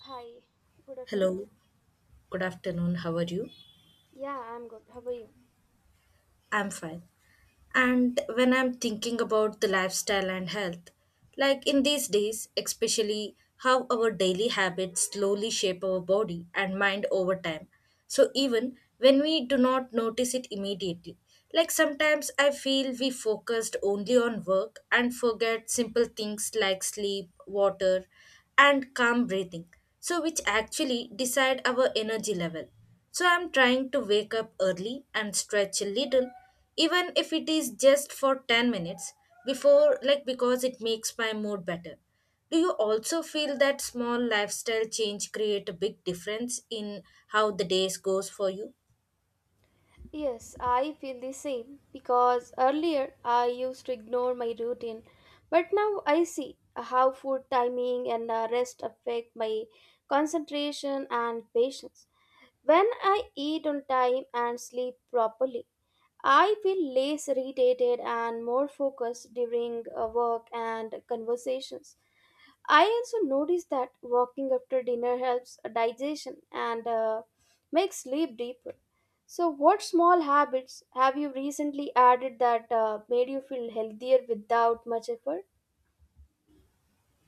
Hi, good afternoon. Hello, good afternoon. How are you? Yeah, I'm good. How are you? I'm fine. And when I'm thinking about the lifestyle and health, like in these days, especially how our daily habits slowly shape our body and mind over time. So even when we do not notice it immediately, like sometimes I feel we focused only on work and forget simple things like sleep, water, and calm breathing. So which actually decide our energy level. So I'm trying to wake up early and stretch a little even if it is just for 10 minutes before like because it makes my mood better. Do you also feel that small lifestyle change create a big difference in how the days goes for you? Yes, I feel the same because earlier I used to ignore my routine, but now I see how food timing and rest affect my concentration and patience. When I eat on time and sleep properly, I feel less irritated and more focused during work and conversations. I also noticed that walking after dinner helps digestion and makes sleep deeper. So, what small habits have you recently added that made you feel healthier without much effort?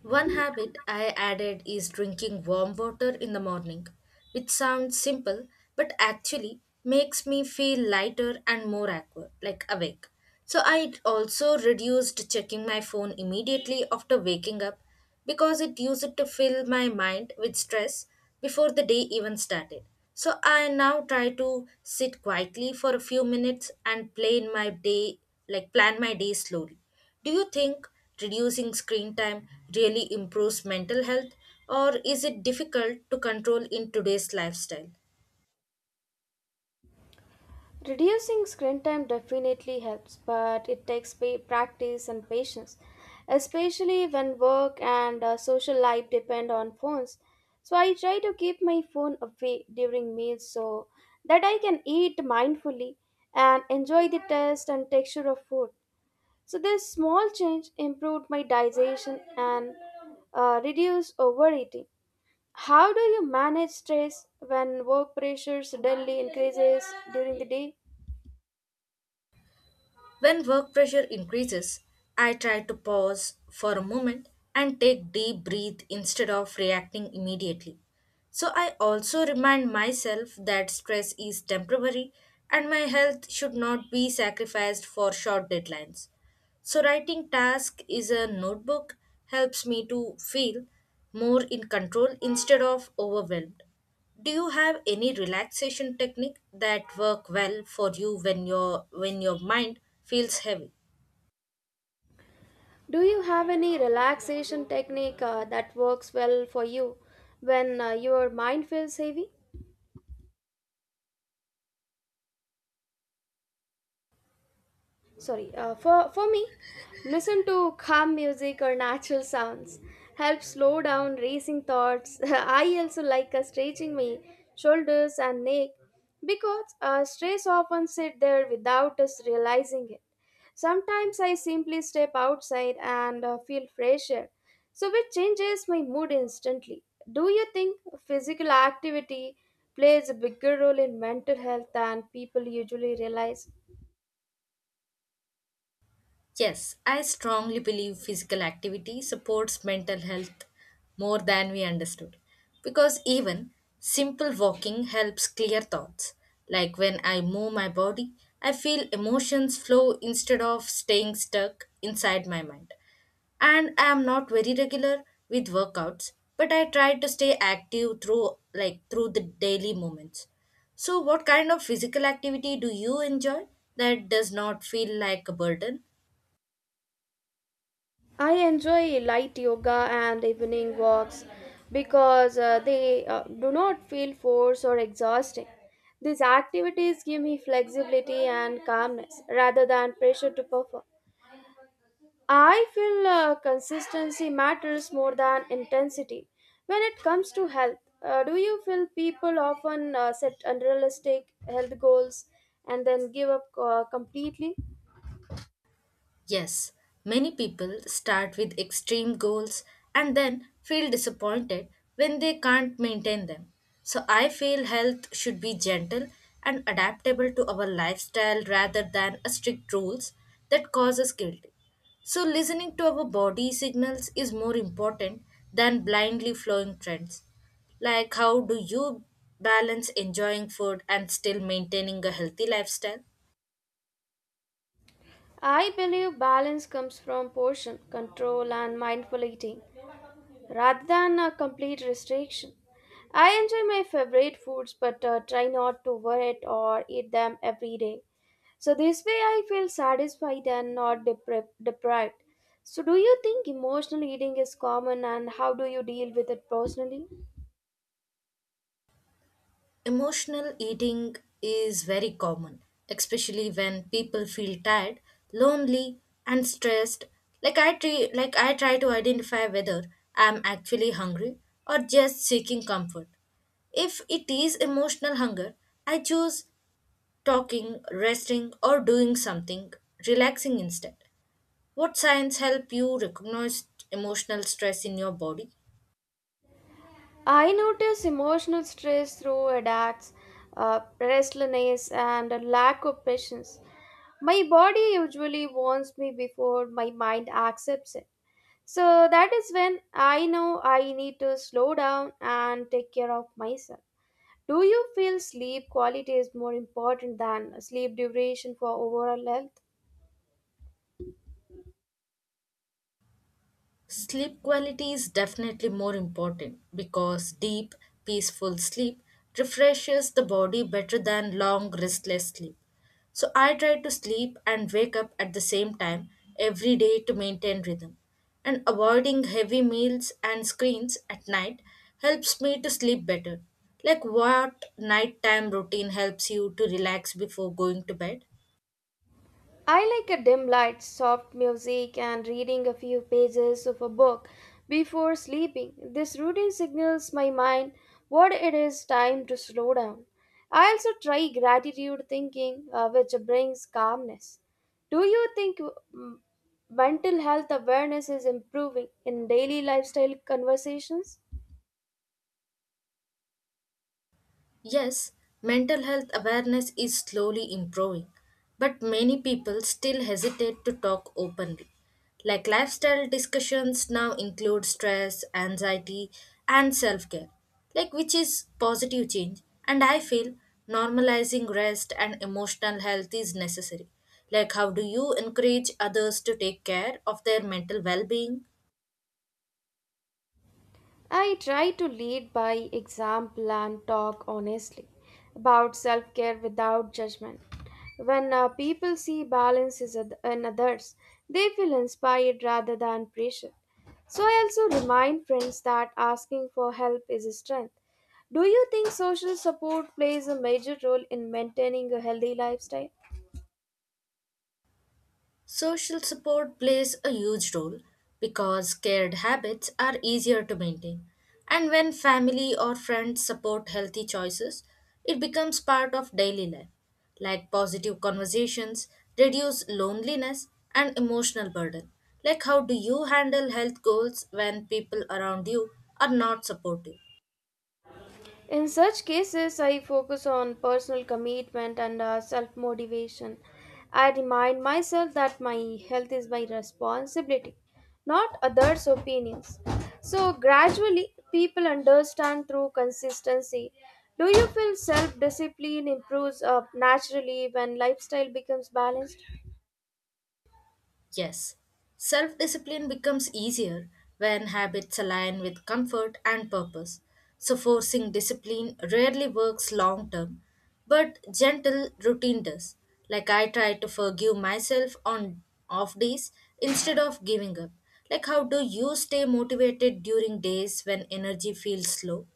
One habit I added is drinking warm water in the morning, which sounds simple but actually makes me feel lighter and more aqua, like awake. So I also reduced checking my phone immediately after waking up because it used to fill my mind with stress before the day even started. So I now try to sit quietly for a few minutes and plan my day, like plan my day slowly. Do you think reducing screen time really improves mental health, or is it difficult to control in today's lifestyle? Reducing screen time definitely helps, but it takes practice and patience, especially when work and social life depend on phones. So I try to keep my phone away during meals so that I can eat mindfully and enjoy the taste and texture of food. So this small change improved my digestion and reduce overeating. How do you manage stress when work pressures daily increases during the day? When work pressure increases, I try to pause for a moment and take deep breath instead of reacting immediately. So I also remind myself that stress is temporary and my health should not be sacrificed for short deadlines. So writing task is a notebook helps me to feel more in control instead of overwhelmed. Do you have any relaxation technique that work well for you when your mind feels heavy? Do you have any relaxation technique that works well for you when your mind feels heavy? Sorry, for me listen to calm music or natural sounds help slow down racing thoughts. I also like stretching my shoulders and neck because stress often sit there without us realizing it. Sometimes I simply step outside and feel fresh air, so it changes my mood instantly. Do you think physical activity plays a bigger role in mental health than people usually realize? Yes, I strongly believe physical activity supports mental health more than we understood. Because even simple walking helps clear thoughts. Like when I move my body, I feel emotions flow instead of staying stuck inside my mind. And I am not very regular with workouts, but I try to stay active through the daily moments. So what kind of physical activity do you enjoy that does not feel like a burden? I enjoy light yoga and evening walks because they do not feel forced or exhausting. These activities give me flexibility and calmness rather than pressure to perform. I feel consistency matters more than intensity when it comes to health. Do you feel people often set unrealistic health goals and then give up completely? Yes, many people start with extreme goals and then feel disappointed when they can't maintain them. So I feel health should be gentle and adaptable to our lifestyle rather than a strict rules that causes guilt. So listening to our body signals is more important than blindly following trends. Like how do you balance enjoying food and still maintaining a healthy lifestyle? I believe balance comes from portion control and mindful eating rather than a complete restriction. I enjoy my favorite foods but try not to overeat or eat them every day. So this way I feel satisfied and not deprived. So do you think emotional eating is common and how do you deal with it personally? Emotional eating is very common, especially when people feel tired, lonely, and stressed. Like I try to identify whether I'm actually hungry or just seeking comfort. If it is emotional hunger, I choose talking, resting, or doing something relaxing instead. What signs help you recognize emotional stress in your body? I notice emotional stress through attacks, restlessness and a lack of patience. My body usually warns me before my mind accepts it. So that is when I know I need to slow down and take care of myself. Do you feel sleep quality is more important than sleep duration for overall health? Sleep quality is definitely more important because deep, peaceful sleep refreshes the body better than long, restless sleep. So I try to sleep and wake up at the same time every day to maintain rhythm. And avoiding heavy meals and screens at night helps me to sleep better. Like what nighttime routine helps you to relax before going to bed? I like a dim light, soft music, and reading a few pages of a book before sleeping. This routine signals my mind what it is time to slow down. I also try gratitude thinking, which brings calmness. Do you think mental health awareness is improving in daily lifestyle conversations? Yes, mental health awareness is slowly improving, but many people still hesitate to talk openly. Like lifestyle discussions now include stress, anxiety, and self care, like which is positive change. And I feel normalizing rest and emotional health is necessary. Like, how do you encourage others to take care of their mental well being? I try to lead by example and talk honestly about self care without judgment. When people see in others, they feel inspired rather than pressured. So, I also remind friends that asking for help is a strength. Do you think social support plays a major role in maintaining a healthy lifestyle? Social support plays a huge role because scared habits are easier to maintain. And when family or friends support healthy choices, it becomes part of daily life, like positive conversations, reduce loneliness, and emotional burden. Like, how do you handle health goals when people around you are not supportive? In such cases, I focus on personal commitment and self motivation. I remind myself that my health is my responsibility, not others' opinions. So, gradually, people understand through consistency. Do you feel self discipline improves naturally when lifestyle becomes balanced? Yes, self discipline becomes easier when habits align with comfort and purpose. So, forcing discipline rarely works long term, but gentle routine does. Like, I try to forgive myself on off days instead of giving up. Like, how do you stay motivated during days when energy feels slow?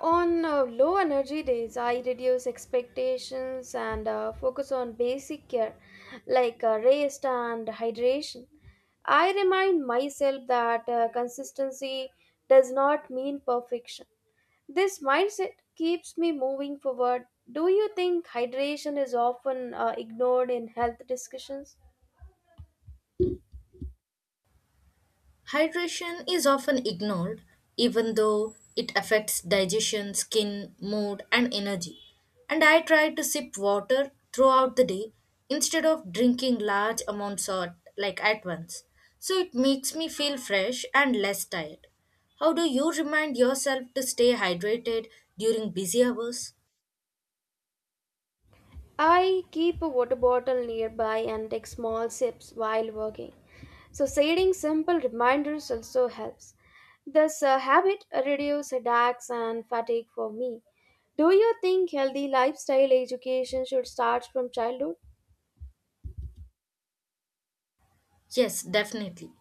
On low energy days, I reduce expectations and focus on basic care like rest and hydration. I remind myself that consistency does not mean perfection. This mindset keeps me moving forward. Do you think hydration is often ignored in health discussions? Hydration is often ignored, even though it affects digestion, skin, mood, and energy. And I try to sip water throughout the day instead of drinking large amounts of, like at once. So it makes me feel fresh and less tired. How do you remind yourself to stay hydrated during busy hours? I keep a water bottle nearby and take small sips while working. So setting simple reminders also helps. This habit reduces headaches and fatigue for me. Do you think healthy lifestyle education should start from childhood? Yes, definitely.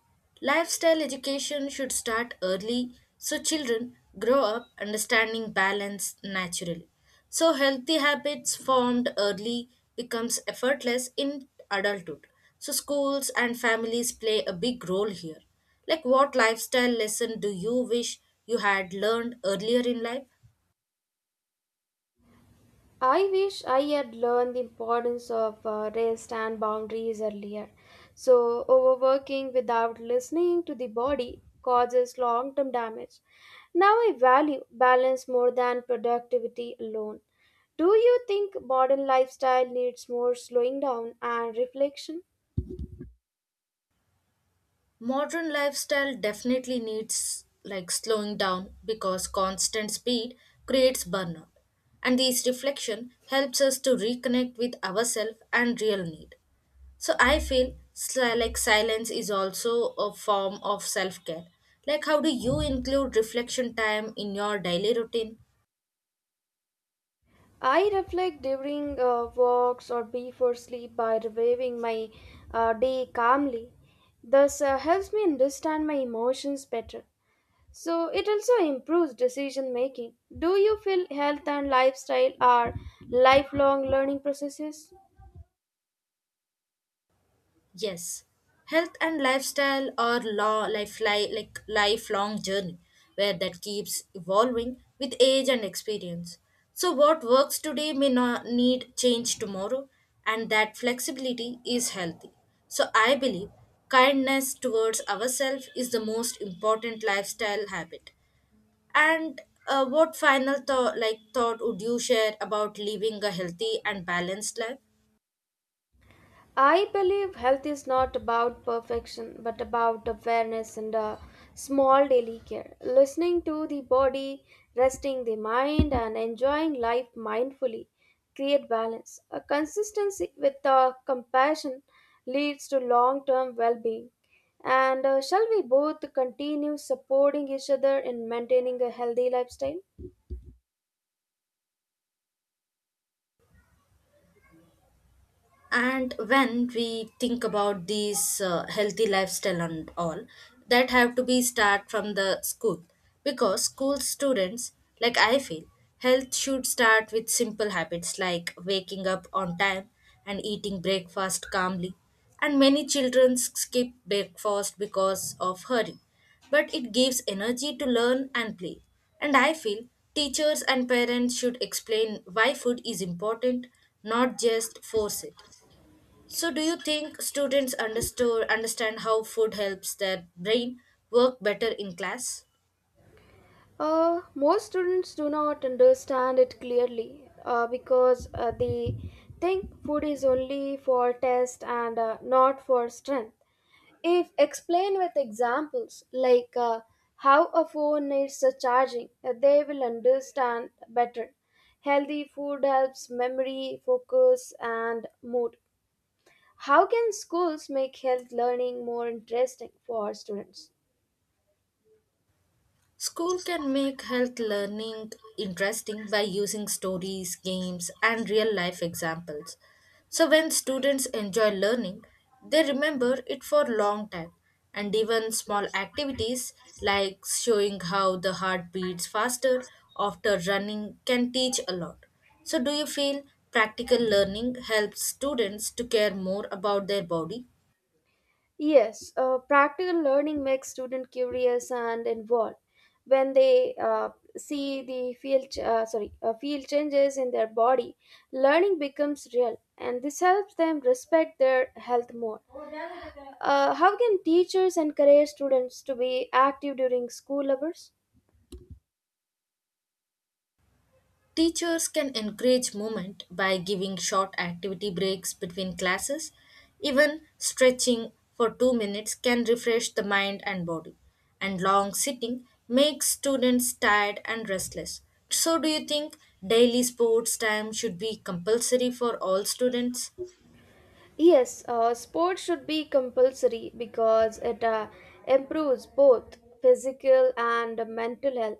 Lifestyle education should start early so children grow up understanding balance naturally. So healthy habits formed early becomes effortless in adulthood. So schools and families play a big role here. Like what lifestyle lesson do you wish you had learned earlier in life? I wish I had learned the importance of rest and boundaries earlier. So, overworking without listening to the body causes long term damage. Now, I value balance more than productivity alone. Do you think modern lifestyle needs more slowing down and reflection? Modern lifestyle definitely needs like slowing down because constant speed creates burnout. And this reflection helps us to reconnect with ourselves and real need. So I feel like silence is also a form of self care. Like, how do you include reflection time in your daily routine? I reflect during walks or before sleep by reviewing my day calmly. This helps me understand my emotions better. So it also improves decision making. Do you feel health and lifestyle are lifelong learning processes? Yes, health and lifestyle are like lifelong journey where that keeps evolving with age and experience. So what works today may not need change tomorrow, and that flexibility is healthy. So I believe kindness towards ourselves is the most important lifestyle habit. And what final thought would you share about living a healthy and balanced life? I believe health is not about perfection, but about awareness and small daily care. Listening to the body, resting the mind, and enjoying life mindfully create balance. A consistency with compassion leads to long term well being. And shall we both continue supporting each other in maintaining a healthy lifestyle? And when we think about these healthy lifestyle and all that have to be start from the school because school students, like I feel health should start with simple habits like waking up on time and eating breakfast calmly, and many children skip breakfast because of hurry, but it gives energy to learn and play. And I feel teachers and parents should explain why food is important, not just force it. So, do you think students understand how food helps their brain work better in class? Most students do not understand it clearly because they think food is only for test and not for strength. If explained with examples like how a phone needs a charging, they will understand better. Healthy food helps memory, focus, and mood. How can schools make health learning more interesting for students? School can make health learning interesting by using stories, games, and real life examples. So when students enjoy learning, they remember it for a long time. And even small activities like showing how the heart beats faster after running can teach a lot. So do you feel practical learning helps students to care more about their body? Yes, practical learning makes students curious and involved. When they see the field changes in their body, learning becomes real, and this helps them respect their health more. How can teachers encourage students to be active during school hours? Teachers can encourage movement by giving short activity breaks between classes. Even stretching for 2 minutes can refresh the mind and body. And long sitting makes students tired and restless. So, do you think daily sports time should be compulsory for all students? Yes, sports should be compulsory because it improves both physical and mental health.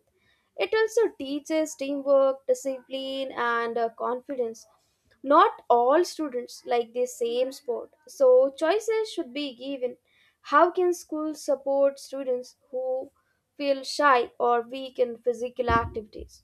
It also teaches teamwork, discipline, and confidence. Not all students like the same sport, so choices should be given. How can schools support students who feel shy or weak in physical activities?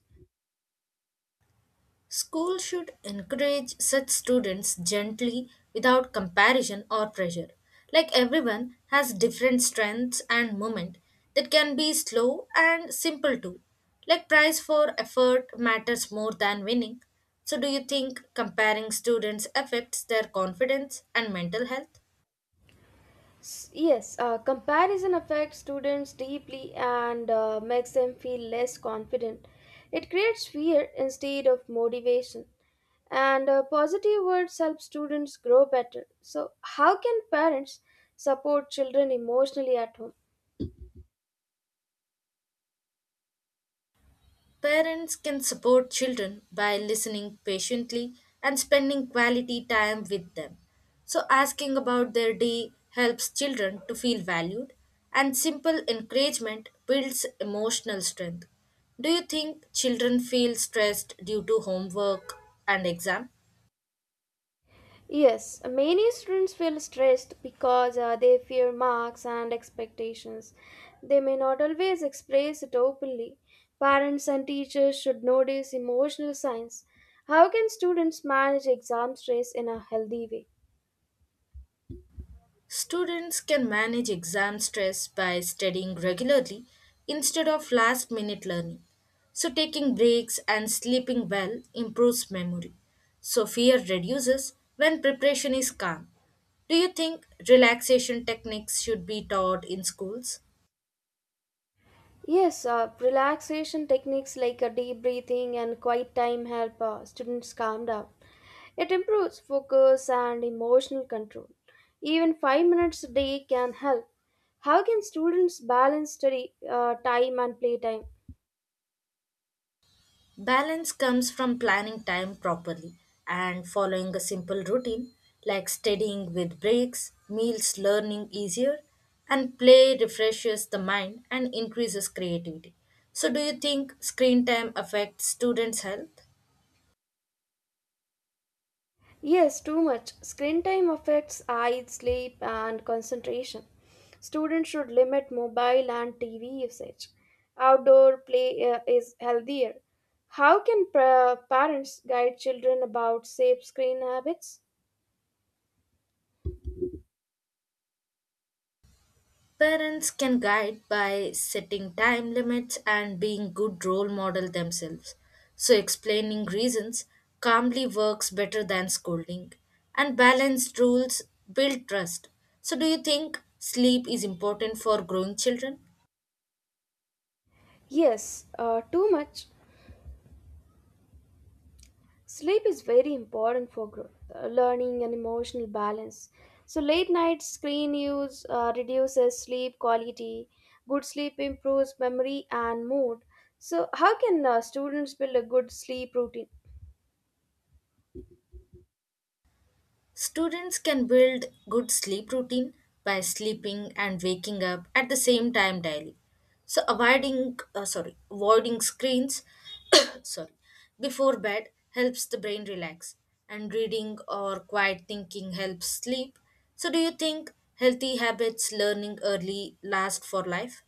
School should encourage such students gently without comparison or pressure. Like everyone has different strengths and movement that can be slow and simple too. Like price for effort matters more than winning. So do you think comparing students affects their confidence and mental health? Yes, comparison affects students deeply and makes them feel less confident. It creates fear instead of motivation. And positive words help students grow better. So, how can parents support children emotionally at home? Parents can support children by listening patiently and spending quality time with them. So, asking about their day helps children to feel valued, and simple encouragement builds emotional strength. Do you think children feel stressed due to homework and exam? Yes, many students feel stressed because they fear marks and expectations. They may not always express it openly. Parents and teachers should notice emotional signs. How can students manage exam stress in a healthy way? Students can manage exam stress by studying regularly instead of last minute learning. So, taking breaks and sleeping well improves memory. So, fear reduces when preparation is calm. Do you think relaxation techniques should be taught in schools? Yes, relaxation techniques like deep breathing and quiet time help students calm down. It improves focus and emotional control. Even 5 minutes a day can help. How can students balance study time and play time? Balance comes from planning time properly and following a simple routine like studying with breaks, meals learning easier, and play refreshes the mind and increases creativity. So, do you think screen time affects students' health? Yes, too much. Screen time affects eye, sleep, and concentration. Students should limit mobile and TV usage. Outdoor play is healthier. How can parents guide children about safe screen habits? Parents can guide by setting time limits and being good role model themselves. So explaining reasons calmly works better than scolding, and balanced rules build trust. So do you think sleep is important for growing children? Yes, too much. Sleep is very important for growth, learning, and emotional balance. So, late night screen use reduces sleep quality. Good sleep improves memory and mood. So, how can students build a good sleep routine? Students can build good sleep routine by sleeping and waking up at the same time daily. So avoiding screens sorry, before bed helps the brain relax, and reading or quiet thinking helps sleep. So, do you think healthy habits learning early last for life?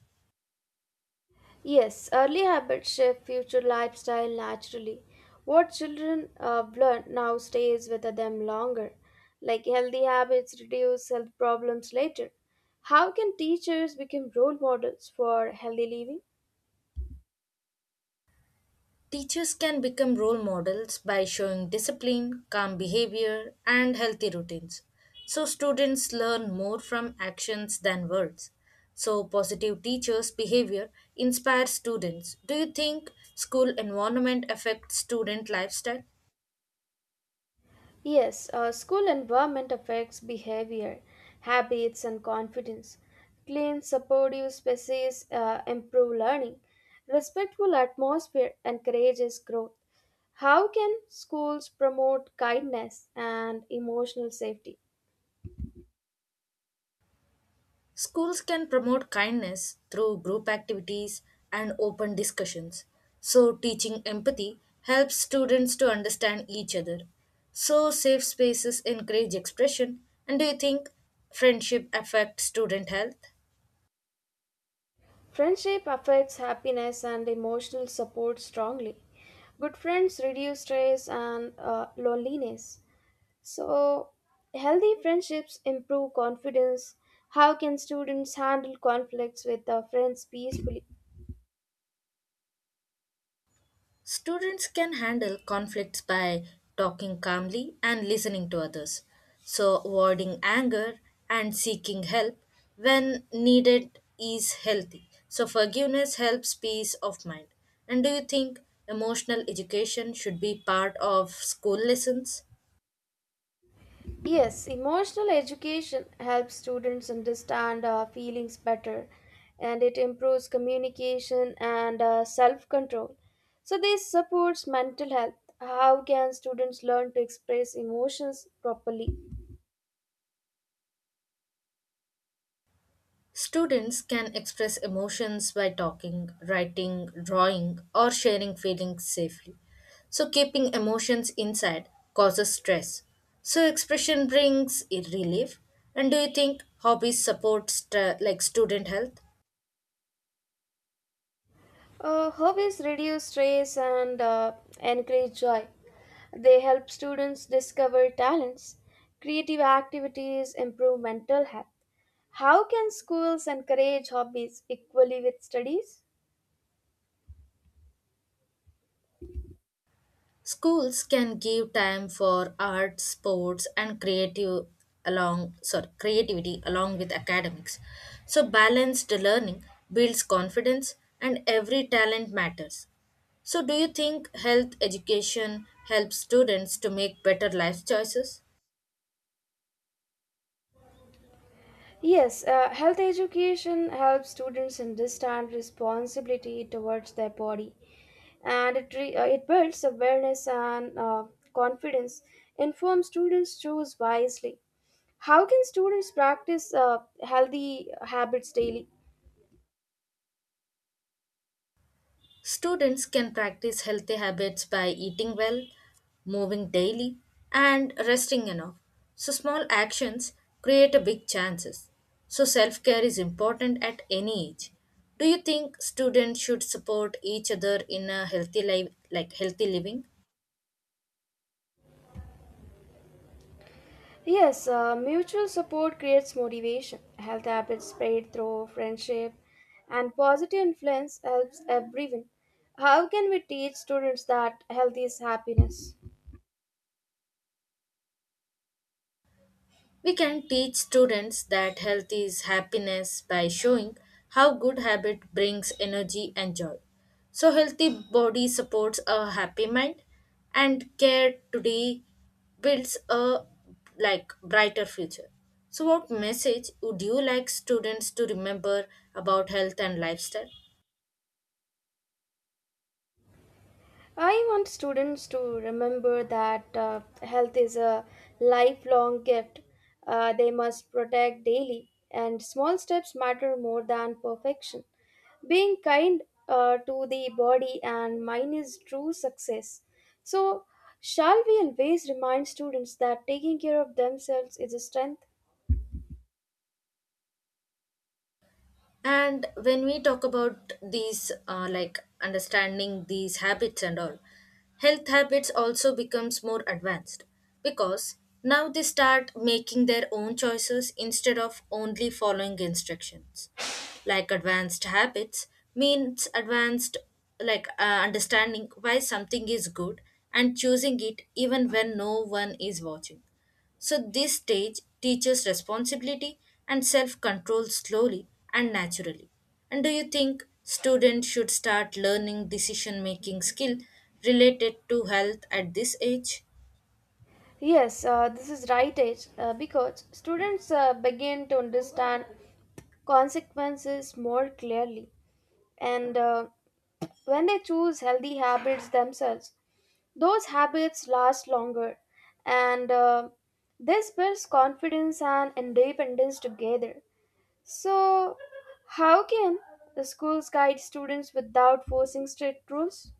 Yes, early habits shape future lifestyle naturally. What children learn now stays with them longer. Like healthy habits reduce health problems later. How can teachers become role models for healthy living? Teachers can become role models by showing discipline, calm behavior, and healthy routines. So, students learn more from actions than words. So, positive teachers' behavior inspires students. Do you think school environment affects student lifestyle? Yes, school environment affects behavior, habits, and confidence. Clean, supportive spaces improve learning. Respectful atmosphere encourages growth. How can schools promote kindness and emotional safety? Schools can promote kindness through group activities and open discussions. So, teaching empathy helps students to understand each other. So, safe spaces encourage expression. And do you think friendship affects student health? Friendship affects happiness and emotional support strongly. Good friends reduce stress and loneliness. So, healthy friendships improve confidence. How can students handle conflicts with their friends peacefully? Students can handle conflicts by talking calmly and listening to others, so avoiding anger and seeking help when needed is healthy. So, forgiveness helps peace of mind. And do you think emotional education should be part of school lessons? Yes, emotional education helps students understand feelings better and it improves communication and self control. So, this supports mental health. How can students learn to express emotions properly? Students can express emotions by talking, writing, drawing, or sharing feelings safely. So, keeping emotions inside causes stress. So, expression brings relief. And do you think hobbies support like student health? Hobbies reduce stress and encourage joy. They help students discover talents, creative activities, improve mental health. How can schools encourage hobbies equally with studies? Schools can give time for art, sports, and creative along sorry creativity along with academics. So balanced learning builds confidence, and every talent matters. So, do you think health education helps students to make better life choices? Yes, health education helps students understand responsibility towards their body and it it builds awareness and confidence, informs students choose wisely. How can students practice healthy habits daily? Students can practice healthy habits by eating well, moving daily, and resting enough. So, small actions create a big chances. So, self care is important at any age. Do you think students should support each other in a healthy life, like healthy living? Yes, mutual support creates motivation. Health habits spread through friendship, and positive influence helps everyone. How can we teach students that health is happiness? We can teach students that health is happiness by showing how good habit brings energy and joy. So healthy body supports a happy mind and care today builds a like brighter future. So what message would you like students to remember about health and lifestyle? I want students to remember that health is a lifelong gift they must protect daily, and small steps matter more than perfection. Being kind to the body and mind is true success. So, shall we always remind students that taking care of themselves is a strength? And when we talk about these, like understanding these habits and all, health habits also becomes more advanced because now they start making their own choices instead of only following instructions. Like advanced habits means advanced like understanding why something is good and choosing it even when no one is watching, so, this stage teaches responsibility and self control slowly and naturally. And do you think students should start learning decision making skill related to health at this age? Yes, this is right age because students begin to understand consequences more clearly and when they choose healthy habits themselves those habits last longer and this builds confidence and independence together. So how can the schools guide students without forcing strict rules?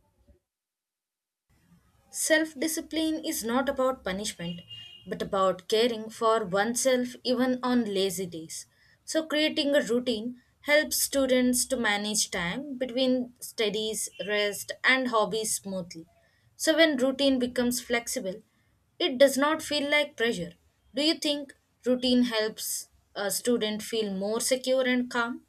Self discipline is not about punishment, but about caring for oneself even on lazy days. So, creating a routine helps students to manage time between studies, rest, and hobbies smoothly. So, when routine becomes flexible, it does not feel like pressure. Do you think routine helps a student feel more secure and calm?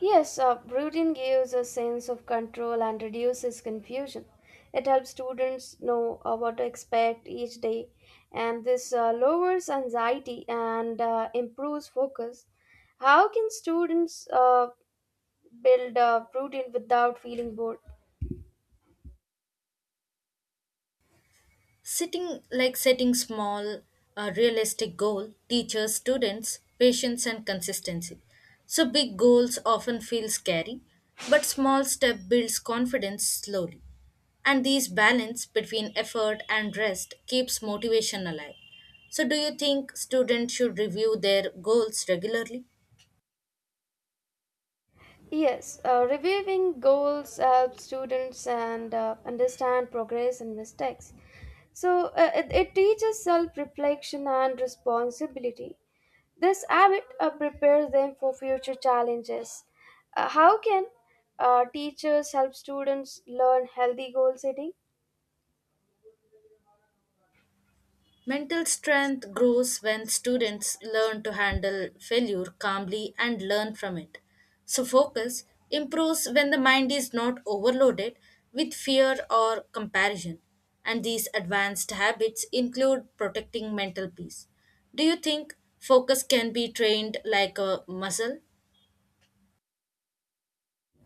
Yes, routine gives a sense of control and reduces confusion. It helps students know what to expect each day, and this lowers anxiety and improves focus. How can students build a routine without feeling bored? Sitting like setting small, realistic goal teaches students patience and consistency. So big goals often feel scary, but small step builds confidence slowly. And these balance between effort and rest keeps motivation alive. So do you think students should review their goals regularly? Yes, reviewing goals helps students and understand progress and mistakes. So it teaches self-reflection and responsibility. This habit prepares them for future challenges. How can teachers help students learn healthy goal setting? Mental strength grows when students learn to handle failure calmly and learn from it. So, focus improves when the mind is not overloaded with fear or comparison. And these advanced habits include protecting mental peace. Do you think focus can be trained like a muscle?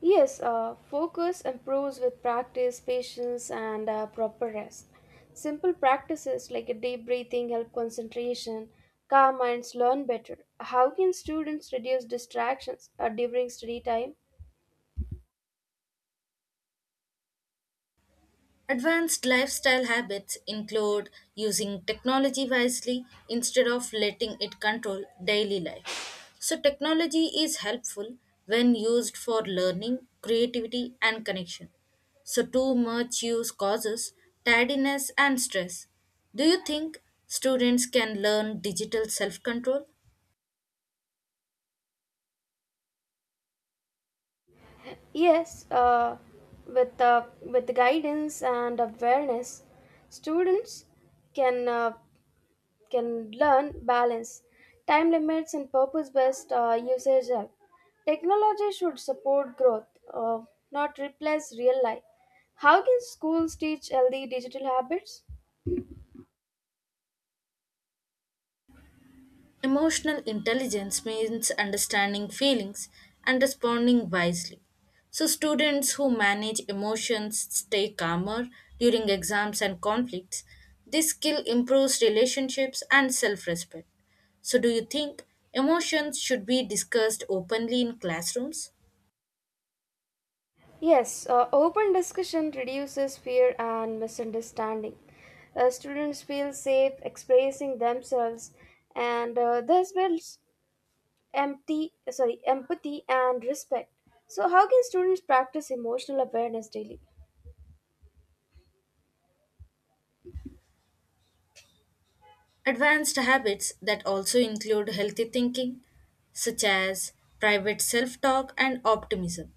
Yes, focus improves with practice, patience, and proper rest. Simple practices like a deep breathing help concentration. Calm minds learn better. How can students reduce distractions during study time? Advanced lifestyle habits include using technology wisely instead of letting it control daily life. So, technology is helpful when used for learning, creativity, and connection. So, too much use causes tiredness and stress. Do you think students can learn digital self control? Yes, with guidance and awareness, students can. Can learn balance, time limits, and purpose based usage. App. Technology should support growth, uh, not replace real life. How can schools teach healthy digital habits? Emotional intelligence means understanding feelings and responding wisely. So, students who manage emotions stay calmer during exams and conflicts. This skill improves relationships and self respect. So, do you think emotions should be discussed openly in classrooms? Yes, open discussion reduces fear and misunderstanding. Students feel safe expressing themselves, and this builds empathy and respect. So, how can students practice emotional awareness daily? Advanced habits that also include healthy thinking, such as private self talk and optimism.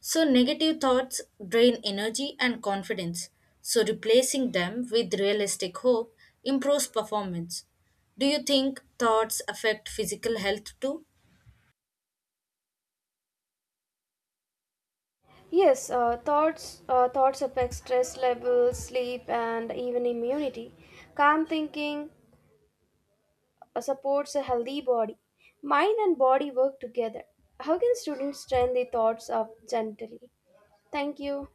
So, negative thoughts drain energy and confidence, so, replacing them with realistic hope improves performance. Do you think thoughts affect physical health too? Yes, thoughts affect stress levels, sleep, and even immunity. Calm thinking supports a healthy body. Mind and body work together. How can students train their thoughts up gently? Thank you.